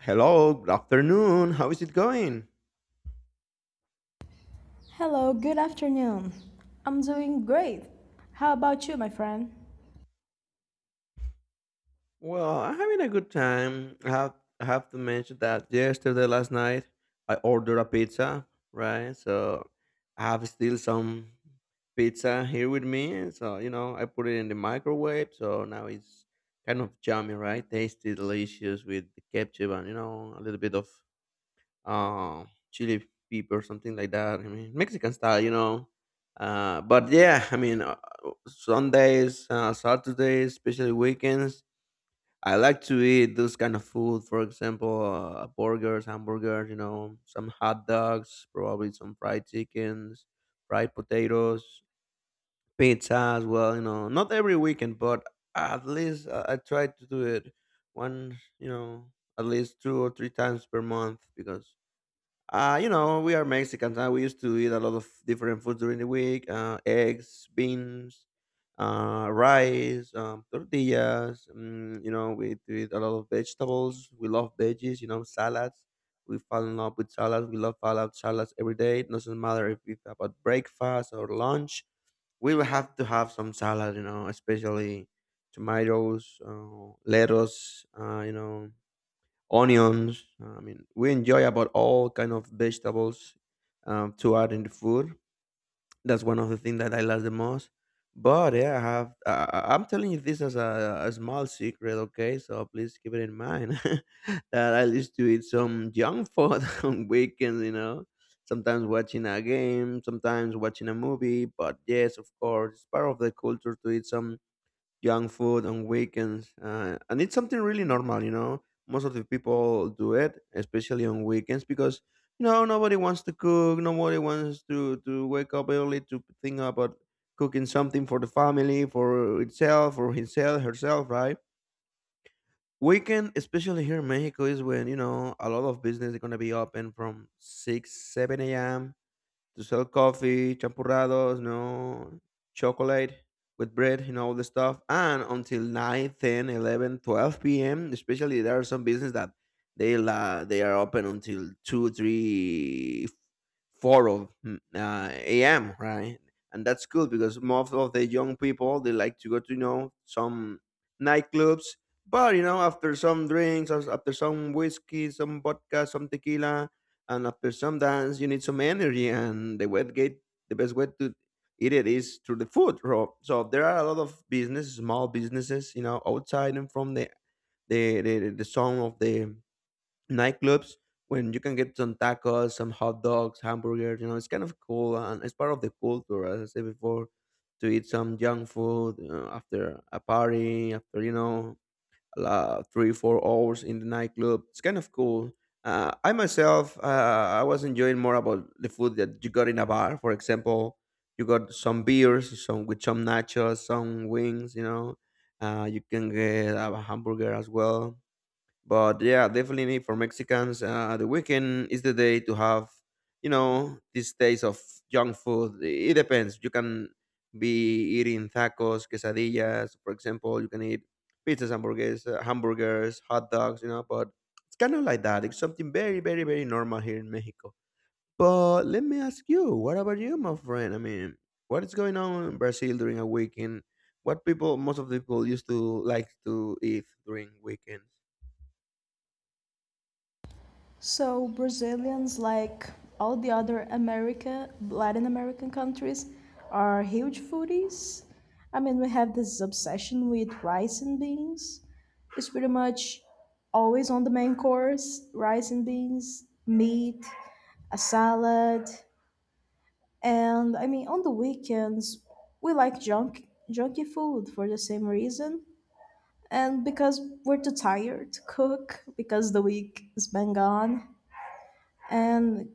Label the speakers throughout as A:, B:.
A: Hello, good afternoon. How is it going?
B: Hello, good afternoon. I'm doing great. How about you, my friend?
A: Well, I'm having a good time. I have to mention that yesterday, last night, I ordered a pizza, right? So I have still some pizza here with me. So, you know, I put it in the microwave. So now it's kind of yummy, right? Tasty, delicious with the ketchup and, you know, a little bit of chili pepper, something like that. I mean, Mexican style, you know. But yeah, I mean, Sundays, Saturdays, especially weekends, I like to eat those kind of food. For example, burgers, hamburgers, you know, some hot dogs, probably some fried chickens, fried potatoes, pizza as well, you know, not every weekend, but at least I try to do it one, you know, at least two or three times per month, because you know, we are Mexicans. We used to eat a lot of different foods during the week: eggs, beans, rice, tortillas. Mm, you know, we do eat a lot of vegetables. We love veggies. You know, salads. We fall in love with salads. We love fall out salads every day. It doesn't matter if it's about breakfast or lunch. We will have to have some salad. You know, especially tomatoes, lettuce. You know, onions. I mean, we enjoy about all kind of vegetables to add in the food. That's one of the things that I love the most. But yeah, I have. I'm telling you this as a small secret, okay? So please keep it in mind that I used to eat some junk food on weekends. You know, sometimes watching a game, sometimes watching a movie. But yes, of course, it's part of the culture to eat some junk food on weekends, and it's something really normal, you know. Most of the people do it, especially on weekends, because you know nobody wants to cook, nobody wants to wake up early to think about cooking something for the family, for itself, for himself, herself, right? Weekend, especially here in Mexico, is when you know a lot of business is gonna be open from six, 7 a.m. to sell coffee, champurrados, you know, chocolate with bread and all the stuff. And until 9, 10, 11, 12 p.m., especially there are some business that they are open until 2, 3, 4 of a.m., right? And that's cool because most of the young people, they like to go to, you know, some nightclubs. But, you know, after some drinks, after some whiskey, some vodka, some tequila, and after some dance you need some energy, and the best way to eat it is through the food, bro. So there are a lot of business, small businesses, you know, outside, and from the song of the nightclubs, when you can get some tacos, some hot dogs, hamburgers, you know. It's kind of cool, and it's part of the culture, as I said before, to eat some junk food after a party, after, you know, 3 4 hours in the nightclub. It's kind of cool. I myself, I was enjoying more about the food that you got in a bar. For example, you got some beers, some with some nachos, some wings. You know, you can get a hamburger as well. But yeah, definitely need for Mexicans, the weekend is the day to have, you know, these days of junk food. It depends. You can be eating tacos, quesadillas, for example. You can eat pizzas, hamburgers, hot dogs, you know. But it's kind of like that. It's something very, very, very normal here in Mexico. But let me ask you, what about you, my friend? I mean, what is going on in Brazil during a weekend? What people, most of the people, used to like to eat during weekends?
B: So, Brazilians, like all the other America, Latin American countries, are huge foodies. I mean, we have this obsession with rice and beans. It's pretty much always on the main course, rice and beans, meat, a salad, and I mean, on the weekends, we like junky food for the same reason. And because we're too tired to cook because the week is been gone. And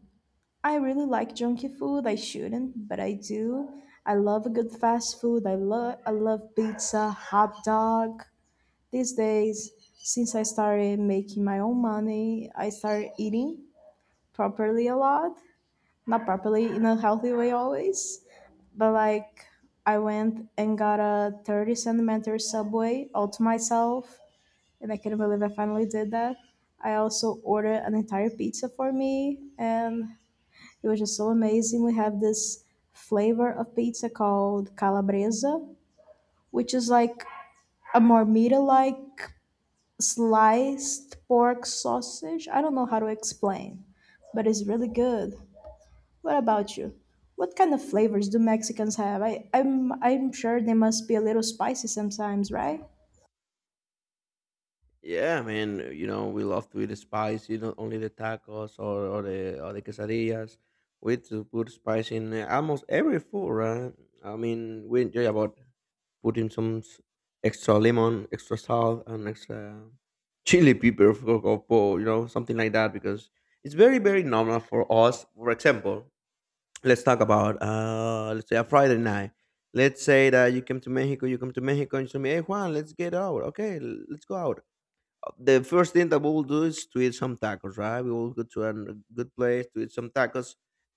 B: I really like junky food. I shouldn't, but I do. I love a good fast food. I love pizza, hot dog. These days, since I started making my own money, I started eating properly a lot, not properly in a healthy way always, but like, I went and got a 30 centimeter subway all to myself, and I can't believe I finally did that. I also ordered an entire pizza for me, and it was just so amazing. We have this flavor of pizza called calabresa, which is like a marmita, like sliced pork sausage. I don't know how to explain, but it's really good. What about you? What kind of flavors do Mexicans have? I'm sure they must be a little spicy sometimes, right?
A: Yeah, man. You know, we love to eat spicy. Not only the tacos, or the quesadillas. We to put spice in almost every food, right? I mean, we enjoy about putting extra lemon, extra salt, and extra chili pepper you know, something like that because it's very very normal for us. For example, let's talk about let's say a Friday night. Let's say that you come to Mexico, and you tell me, "Hey Juan, let's get out. Okay, let's go out." The first thing that we will do is to eat some tacos, right? We will go to a good place to eat some tacos,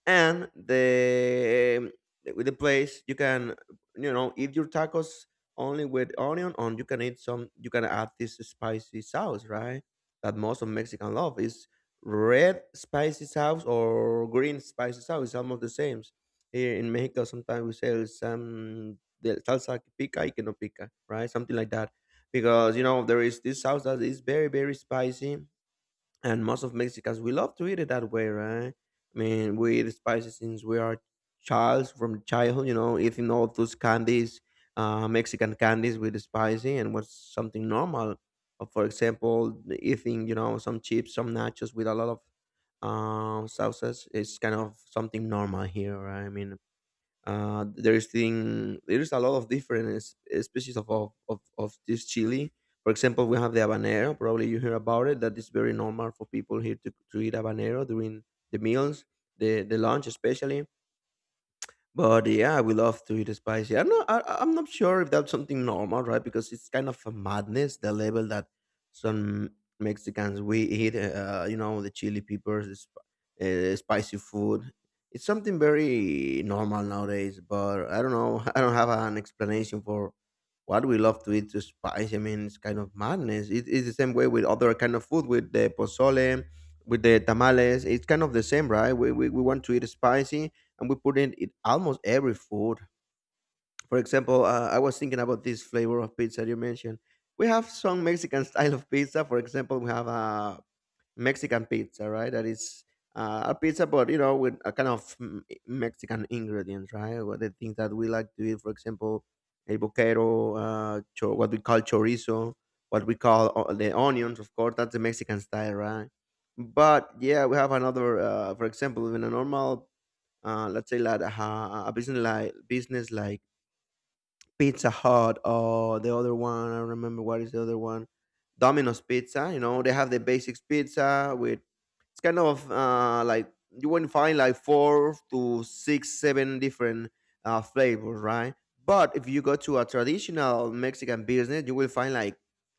A: and the um, with the place you can, you know, eat your tacos only with onion, and you can eat some. You can add this spicy sauce, right? That most of Mexican love is red spicy sauce or green spicy sauce. It's almost the same. Here in Mexico, sometimes we say some the salsa que pica y que no pica, right? Something like that, because you know there is this sauce that is very very spicy, and most of Mexicans we love to eat it that way, right? I mean, we eat spicy since we are childs, from childhood, you know, eating all those candies, Mexican candies with the spicy, and was something normal. For example, eating, you know, some chips, some nachos with a lot of sauces, is kind of something normal here, right? I mean, there's a lot of different species of this chili. For example, we have the habanero. Probably you hear about it. That is very normal for people here to eat habanero during the meals, the lunch especially. But yeah, we love to eat spicy. I'm not. I'm not sure if that's something normal, right? Because it's kind of a madness the level that some Mexicans we eat. You know, the chili peppers, spicy food. It's something very normal nowadays. But I don't know. I don't have an explanation for what we love to eat to spice. I mean, it's kind of madness. It's the same way with other kind of food, with the pozole, with the tamales. It's kind of the same, right? We want to eat spicy and we put in it in almost every food. For example, I was thinking about this flavor of pizza you mentioned. We have some Mexican style of pizza. For example, we have a Mexican pizza, right? That is a pizza, but you know, with a kind of Mexican ingredients, right? What the things that we like to eat. For example, el boquero, what we call chorizo, what we call the onions. Of course, that's the Mexican style, right? But yeah, we have another. For example, in a normal let's say like a business like Pizza Hut or the other one. I remember what is the other one, Domino's Pizza. You know, they have the basics pizza with, it's kind of like you wouldn't find like four to six, seven different flavors, right? But if you go to a traditional Mexican business, you will find like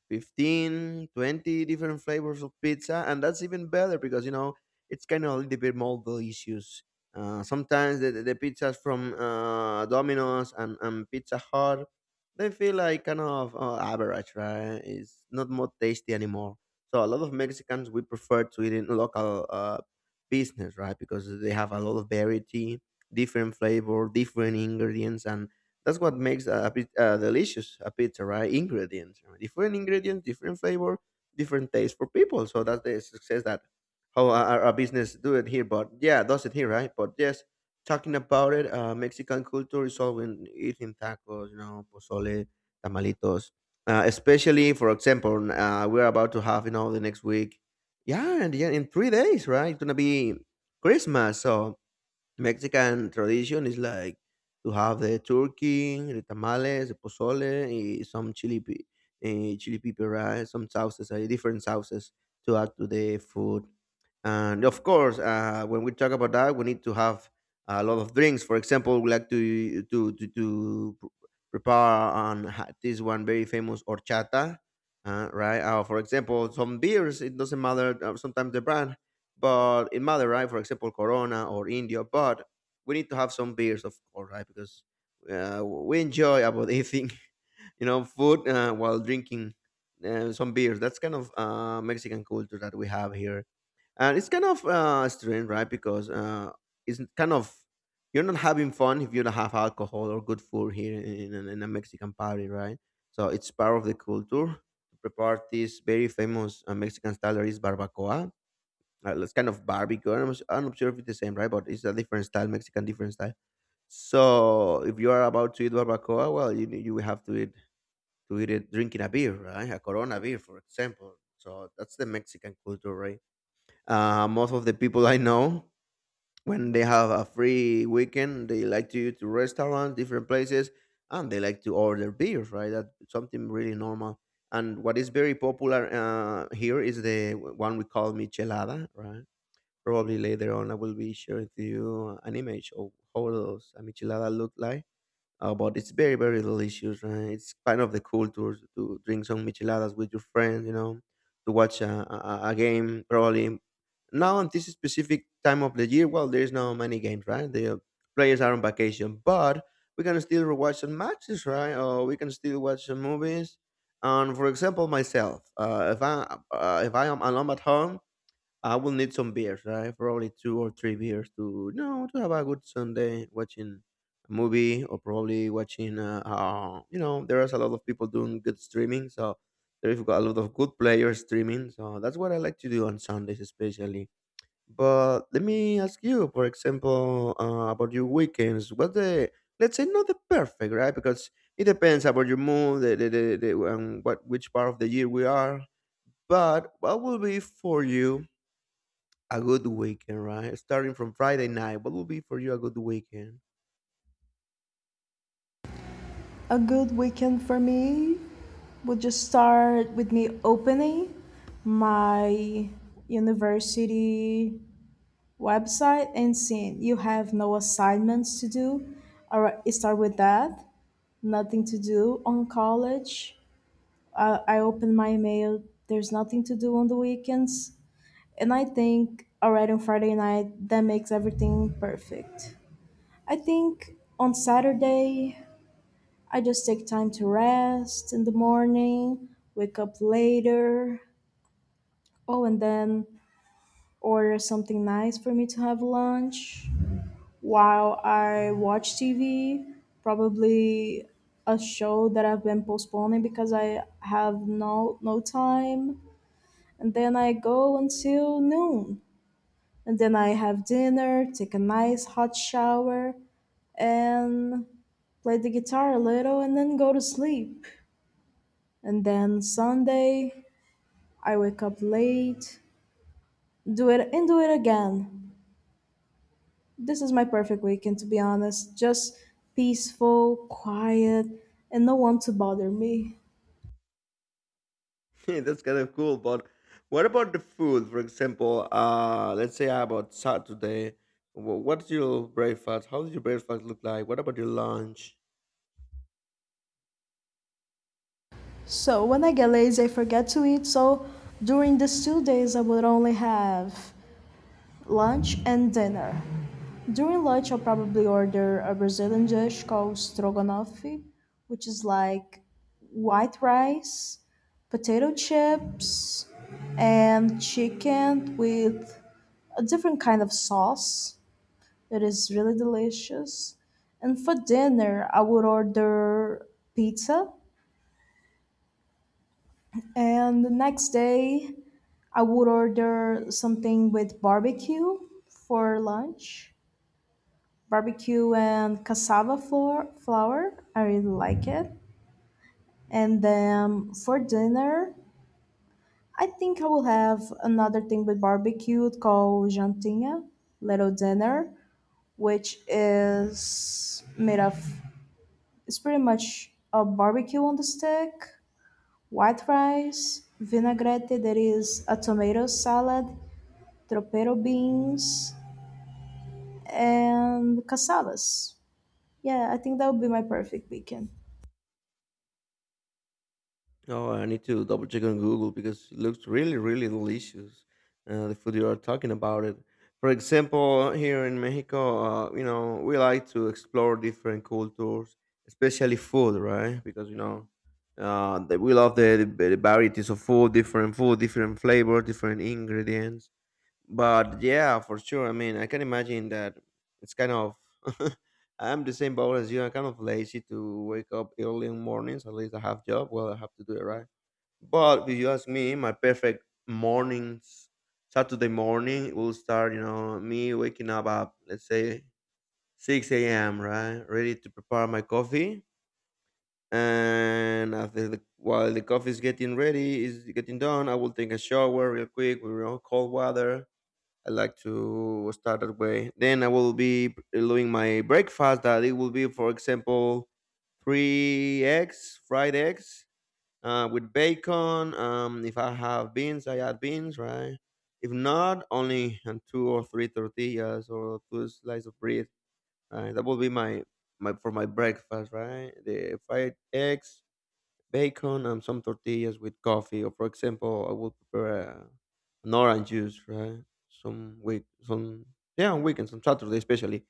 A: 15, 20 different flavors of pizza, and that's even better because you know it's kind of a little bit more delicious. Sometimes the pizzas from Domino's and Pizza Hut, they feel like kind of average, right? It's not more tasty anymore. So a lot of Mexicans we prefer to eat in local business, right? Because they have a lot of variety, different flavor, different ingredients, and that's what makes delicious a pizza, right? Ingredients, right? Different ingredients, different flavor, different taste for people. So that's the success that how our business do it here, but yeah, does it here, right? But yes, talking about it, Mexican culture is all in eating tacos, you know, pozole, tamalitos, especially, for example, we're about to have, you know, the next week, yeah, and yeah, in 3 days, right, it's gonna be Christmas. So Mexican tradition is like to have the turkey, the tamales, the pozole, eh, some chili, chili pepper, right? Some sauces, eh, different sauces to add to the food. And of course, when we talk about that, we need to have a lot of drinks. For example, we like to prepare this one very famous horchata, right? For example, some beers. It doesn't matter. Sometimes the brand, but in Madeira, right, for example, Corona or India. But we need to have some beers, of course, right? Because we enjoy about eating, you know, food while drinking some beers. That's kind of Mexican culture that we have here, and it's kind of strange, right? Because it's kind of you're not having fun if you don't have alcohol or good food here in a Mexican party, right? So it's part of the culture. To prepare this very famous Mexican style that is barbacoa it's kind of barbecue. I'm, not- am not sure if it's the same, right? But it's a different style, Mexican different style. So if you are about to eat barbacoa, well, you will have to eat it drinking a beer, right? A Corona beer, for example. So that's the Mexican culture, right? Most of the people I know, when they have a free weekend, they like to eat to restaurants, different places, and they like to order beers, right? That's something really normal. And what is very popular here is the one we call michelada, right? Probably later on, I will be sharing to you an image of how those micheladas look like. But it's very, very delicious. Right? It's kind of the culture to drink some micheladas with your friends, you know, to watch a game. Probably now at this specific time of the year, well, there's no many games, right? The players are on vacation, but we can still watch some matches, right? Or we can still watch some movies. And for example, myself, if I am alone at home, I will need some beers, right? Probably two or three beers to no to have a good Sunday watching a movie or probably watching. You know, there is a lot of people doing good streaming, so there is got a lot of good players streaming. So that's what I like to do on Sundays, especially. But let me ask you, for example, about your weekends. What the let's say not the perfect, right? Because it depends about your mood, the, and what which part of the year we are. But what will be for you a good weekend, right? Starting from Friday night, what would be for you a good weekend?
B: A good weekend for me would just start with me opening my university website and seeing you have no assignments to do. All right, start with that. Nothing to do on college. I open my email. There's nothing to do on the weekends, and I think already on Friday night that makes everything perfect. I think on Saturday I just take time to rest in the morning, wake up later. Oh, and then order something nice for me to have lunch while I watch TV. Probably a show that I've been postponing because I have no time. And then I go until noon. And then I have dinner, take a nice hot shower, and play the guitar a little and then go to sleep. And then Sunday I wake up late, do it and do it again. This is my perfect weekend, to be honest. Just peaceful, quiet, and no one to bother me.
A: That's kind of cool, but what about the food? For example, let's say about Saturday, what's your breakfast? How does your breakfast look like? What about your lunch?
B: So when I get lazy, I forget to eat. So during these 2 days, I would only have lunch and dinner. During lunch, I'll probably order a Brazilian dish called stroganoff, which is like white rice, potato chips, and chicken with a different kind of sauce. It is really delicious. And for dinner, I would order pizza. And the next day, I would order something with barbecue for lunch. Barbecue and cassava flour. I really like it. And then for dinner, I think I will have another thing with barbecue called jantinha, little dinner, which is made of, it's pretty much a barbecue on the stick, white rice, vinaigrette that is a tomato salad, tropero beans, and cassavas. Yeah, I think that would be my perfect weekend.
A: Oh, I need to double check on Google because it looks really, really delicious. The food you are talking about it. For example, here in Mexico, you know, we like to explore different cultures, especially food, right? Because you know, that we love the varieties of food, different flavors, different ingredients. But yeah, for sure. I mean, I can imagine that it's kind of. I'm the same boat as you. I'm kind of lazy to wake up early in mornings. At least I have job. Well, I have to do it right but if you ask me, my perfect mornings, Saturday morning will start, you know, me waking up at, let's say, 6 a.m., right? Ready to prepare my coffee. And after the, while the coffee is getting ready, is getting done, I will take a shower real quick with you know, cold water. I like to start that way. Then I will be doing my breakfast that it will be, for example, three eggs, fried eggs, with bacon. If I have beans, I add beans, right? If not, only and two or three tortillas or two slices of bread. Right? That will be my for my breakfast, right? The fried eggs, bacon, and some tortillas with coffee. Or for example, I will prepare an orange juice, right? Some yeah, on weekends, on Saturday especially.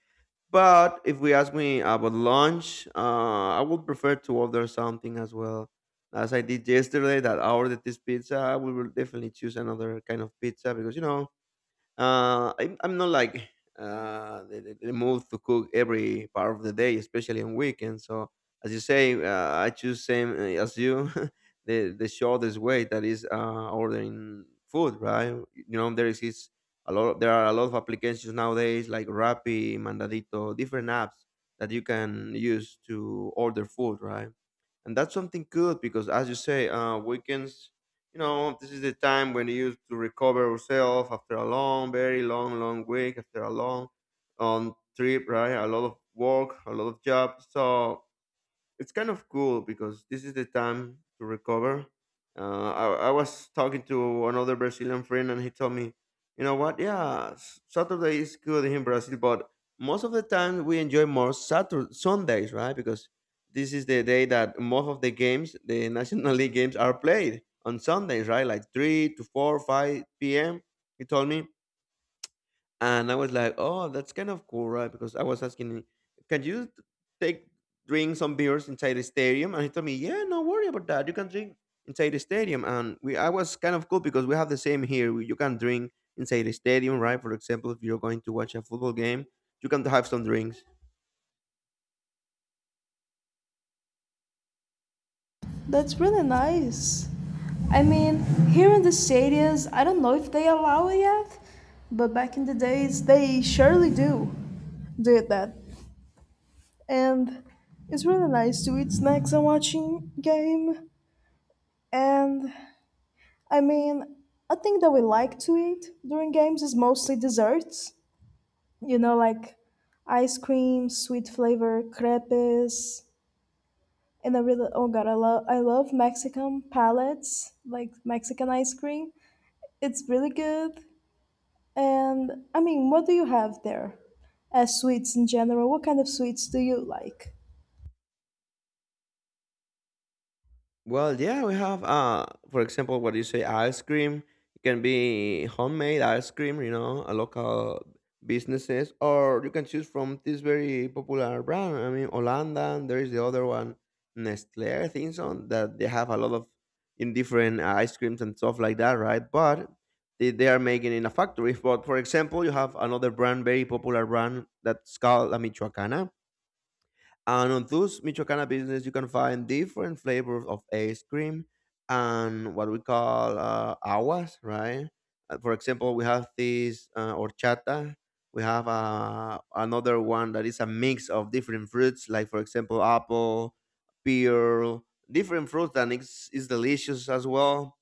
A: But if we ask me about lunch, I would prefer to order something as well. As I did yesterday, that I ordered this pizza, I will definitely choose another kind of pizza because you know I'm not like the mood to cook every part of the day, especially on weekends. So as you say, I choose same as you, the shortest way that is ordering food, right? You know, there is a lot. There are a lot of applications nowadays like Rappi, Mandadito, different apps that you can use to order food, right? And that's something good because as you say weekends you know this is the time when you use to recover yourself after a long very long long week after a long trip right a lot of work a lot of job so it's kind of cool because this is the time to recover. I was talking to another Brazilian friend, and he told me, you know what? Yeah, Saturday is good in Brazil, but most of the time we enjoy more Saturday, Sundays, right? Because this is the day that most of the games, the National League games, are played on Sundays, right? Like 3 to 4, 5 p.m. He told me. And I was like, oh, that's kind of cool, right? Because I was asking, can you t- take drink some beers inside the stadium? And he told me, yeah, no worry about that. You can drink inside the stadium. And we, I was kind of cool because we have the same here. We, you can drink inside the stadium, right? For example, if you're going to watch a football game, you can have some drinks.
B: That's really nice. I mean, here in the stadiums, I don't know if they allow it yet, but back in the days, they surely do did that. And it's really nice to eat snacks and watching game. And I mean, a thing that we like to eat during games is mostly desserts, you know, like ice cream, sweet flavor, crepes. And I really, oh god, I love Mexican palettes, like Mexican ice cream. It's really good. And I mean, what do you have there as sweets in general? What kind of sweets do you like?
A: Well, yeah, we have for example what you say ice cream. It can be homemade ice cream, you know, a local businesses, or you can choose from this very popular brand. I mean Holanda, and there is the other one, Nestle, I think so, that they have a lot of in different ice creams and stuff like that, right? But they are making in a factory. But for example, you have another brand, very popular brand that's called La Michoacana and on those Michoacana business, you can find different flavors of ice cream and what we call aguas, right? For example, we have this horchata. We have another one that is a mix of different fruits, like for example, apple, pear, different fruits, and it's delicious as well.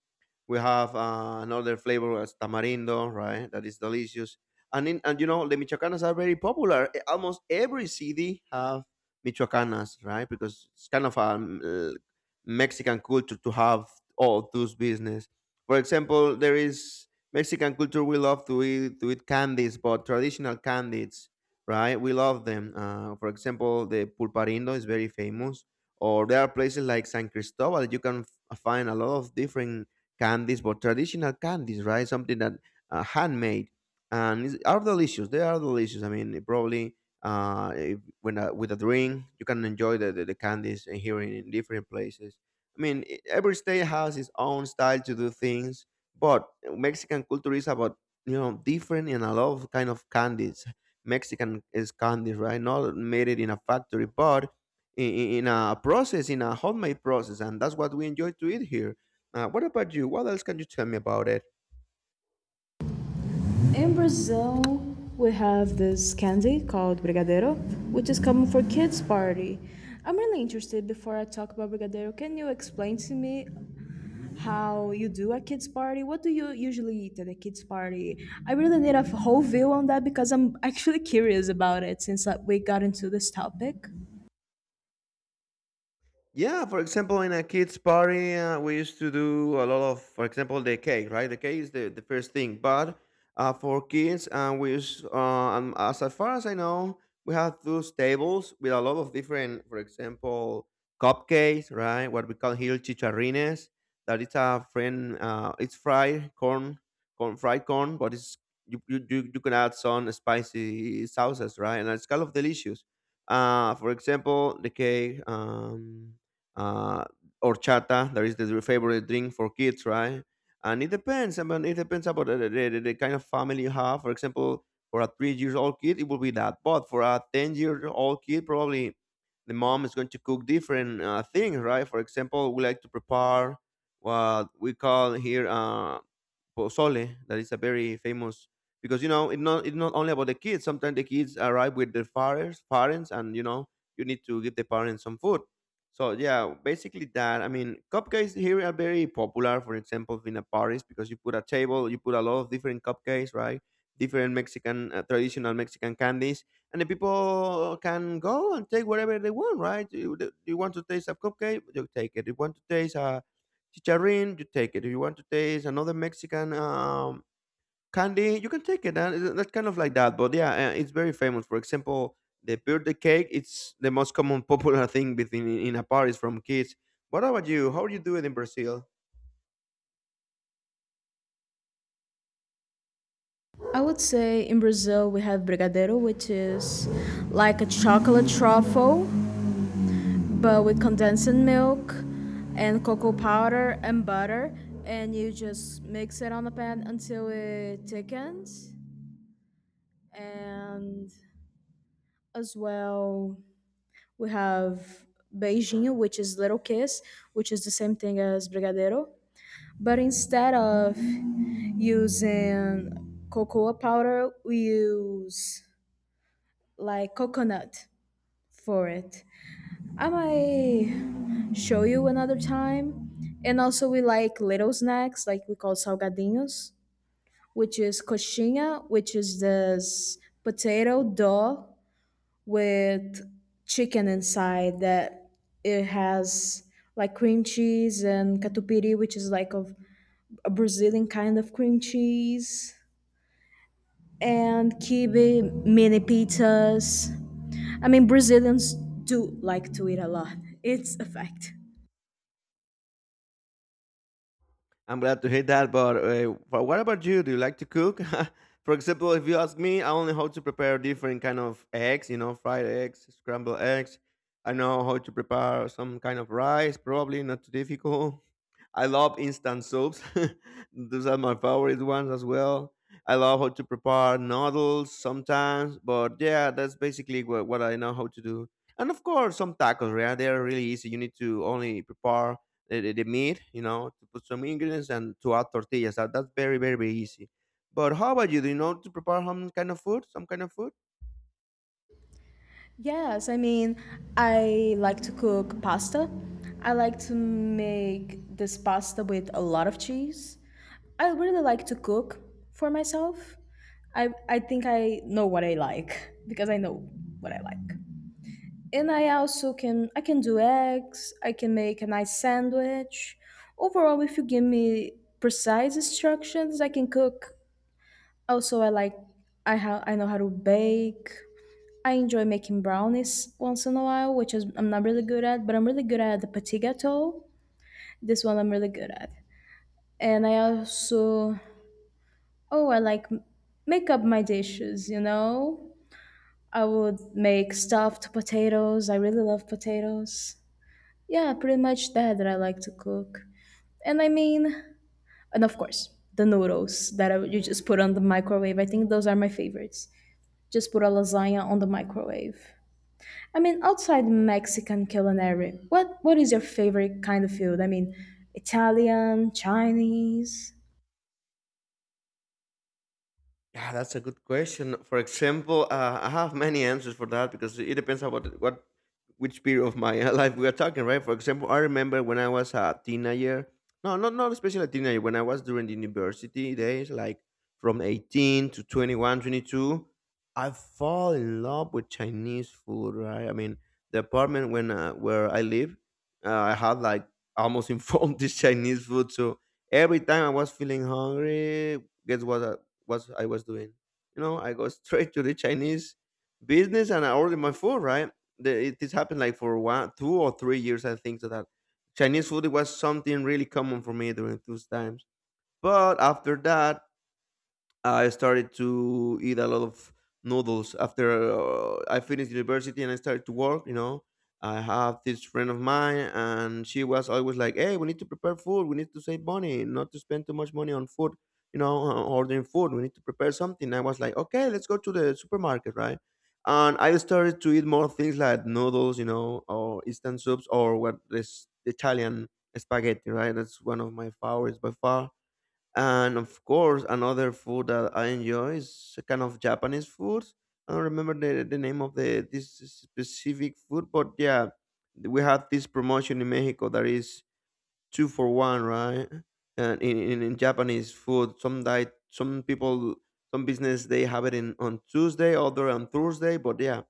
A: We have another flavor as tamarindo, right? That is delicious. And you know the michoacanas are very popular. Eh, almost every city have michoacanas, right? Because it's kind of a Mexican culture to have all those business. For example, there is Mexican culture. We love to eat candies, but traditional candies, right? We love them. For example, the pulparindo is very famous or there are places like San Cristobal. You can find a lot of different candies, but traditional candies, right? Something that handmade and are delicious. They are delicious. I mean, probably if, when with a drink, you can enjoy the candies and here in different places. I mean, every state has its own style to do things, but Mexican culture is about you know different and a lot of kind of candies. Mexican is candies, right? Not made it in a factory, but in a process, in a homemade process, and that's what we enjoy to eat here. What about you? What else can you tell me about it?
B: In Brazil, we have this candy called brigadeiro, which is common for kids' party. I'm really interested. Before I talk about brigadeiro, can you explain to me how you do a kids' party? What do you usually eat at a kids' party? I really need a whole view on that because I'm actually curious about it since we got into this topic.
A: Yeah, for example, in a kids' party, we used to do a lot of, for example, the cake, right? The cake is the first thing, but for kids, we use, as far as I know, we have those tables with a lot of different, for example, cupcakes, right? What we call here chicharrines. That it's a friend, it's fried corn, fried corn, but it's you can add some spicy sauces, right? And it's kind of delicious. For example, the cake. Uh, Horchata. That is the favorite drink for kids, right? And it depends. I mean, it depends about the kind of family you have. For example, for a 3 years old kid, it will be that. But for a 10 year old kid, probably the mom is going to cook different things, right? For example, we like to prepare what we call here pozole that is a very famous because you know it's not only about the kids. Sometimes the kids arrive with their fathers, parents, and you know you need to give the parents some food. So yeah, basically that. I mean, cupcakes here are very popular. For example, in a Paris, because you put a table, you put a lot of different cupcakes, right? Different Mexican traditional Mexican candies, and the people can go and take whatever they want, right? You want to taste a cupcake, you take it. You want to taste a chicharrin, you take it. If you want to taste another Mexican candy, you can take it. That's kind of like that. But yeah, it's very famous. For example, the birthday cake, it's the most common popular thing within in a party from kids. What about you? How do you do it in Brazil?
B: I would say in Brazil we have brigadeiro, which is like a chocolate truffle, but with condensed milk and cocoa powder and butter, and you just mix it on the pan until it thickens. And as well, we have beijinho, which is little kiss, which is the same thing as brigadeiro, but instead of using cocoa powder we use like coconut for it. I might show you another time. And also, we like little snacks, like we call salgadinhos, which is coxinha, which is this potato dough with chicken inside, that it has like cream cheese and catupiry, which is like of a Brazilian kind of cream cheese, and kibe, mini pizzas. I mean, Brazilians do like to eat a lot. It's a fact.
A: I'm glad to hear that. But what about you? Do you like to cook? For example, if you ask me, I only how to prepare different kind of eggs. You know, fried eggs, scrambled eggs. I know how to prepare some kind of rice. Probably not too difficult. I love instant soups. Those are my favorite ones as well. I love how to prepare noodles sometimes, but yeah, that's basically what I know how to do. And of course, some tacos, yeah, they're really easy. You need to only prepare the meat, to put some ingredients and to add tortillas. That's very, very, very easy. But how about you? Do you know to prepare some kind of food? Some kind of food?
B: Yes, I mean, I like to cook pasta. I like to make this pasta with a lot of cheese. I really like to cook for myself. I think I know what I like because I know what I like. And I also can, I can do eggs, I can make a nice sandwich. Overall, if you give me precise instructions, I can cook. Also, I like, I know how to bake. I enjoy making brownies once in a while, which is I'm not really good at, but I'm really good at the petit gâteau. This one I'm really good at. And I also, oh, I like make up my dishes, you know? I would make stuffed potatoes. I really love potatoes. Yeah, pretty much that I like to cook. And I mean, and of course, the noodles that I, you just put on the microwave. I think those are my favorites. Just put a lasagna on the microwave. I mean, outside Mexican culinary, what is your favorite kind of food? I mean, Italian, Chinese.
A: Yeah, that's a good question. For example, I have many answers for that because it depends on what which period of my life we are talking, right? For example, I remember when I was a teenager. No, not especially a teenager. When I was during the university days, like from 18 to 21, 22, I fall in love with Chinese food, right? I mean, the apartment when where I live, I had like almost informed this Chinese food. So every time I was feeling hungry, guess what? What I was doing. You know, I go straight to the Chinese business and I order my food. Right, the, it this happened like for one, 2 or 3 years. I think so that Chinese food it was something really common for me during those times. But after that, I started to eat a lot of noodles after I finished university and I started to work. You know, I have this friend of mine, and she was always like, "Hey, we need to prepare food. We need to save money, not to spend too much money on food. You know, ordering food. We need to prepare something." I was like, "Okay, let's go to the supermarket, right?" And I started to eat more things like noodles, or instant soups, or what this Italian spaghetti, right? That's one of my favorites by far, and of course, another food that I enjoy is a kind of Japanese food. I don't remember the name of the this specific food, but yeah, we had this promotion in Mexico that is two for one, right? And in Japanese food, some diet, some people, some business they have it in on Tuesday, other on Thursday. But yeah,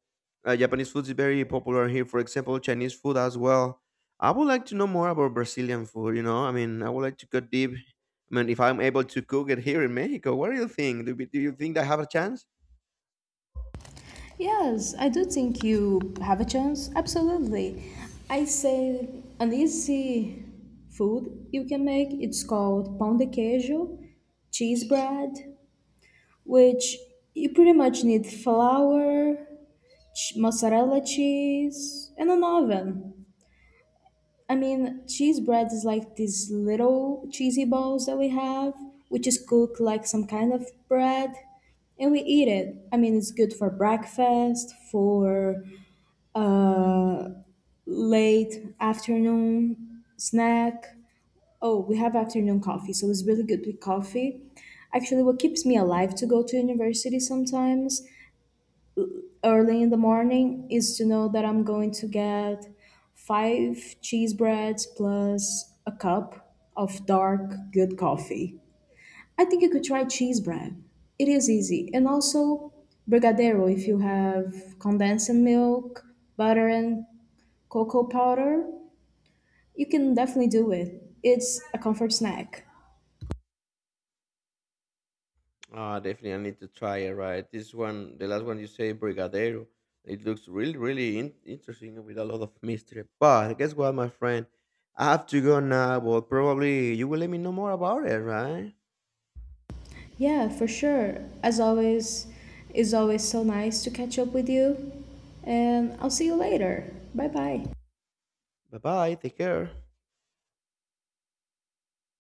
A: Japanese food is very popular here. For example, Chinese food as well. I would like to know more about Brazilian food. You know, I mean, I would like to go deep. I mean, if I'm able to cook it here in Mexico, what do you think? Do you think I have a chance?
B: Yes, I do think you have a chance. Absolutely. I say an easy food you can make. It's called pão de queijo, cheese bread, which you pretty much need flour, mozzarella cheese, and an oven. I mean, cheese bread is like these little cheesy balls that we have, which is cooked like some kind of bread, and we eat it. I mean, it's good for breakfast, for uh, late afternoon snack. Oh, we have afternoon coffee, so it's really good with coffee. Actually, what keeps me alive to go to university sometimes early in the morning is to know that I'm going to get five cheese breads plus a cup of dark, good coffee. I think you could try cheese bread. It is easy. And also brigadeiro. If you have condensing milk, butter and cocoa powder, you can definitely do it. It's a comfort snack.
A: Ah, definitely, I need to try it. Right, this one, the last one you say, Brigadero. It looks really, really interesting with a lot of mystery. But guess what, my friend? I have to go now. But probably you will let me know more about it, right?
B: Yeah, for sure. As always, it's always so nice to catch up with you. And I'll see you later. Bye bye.
A: Bye bye. Take care.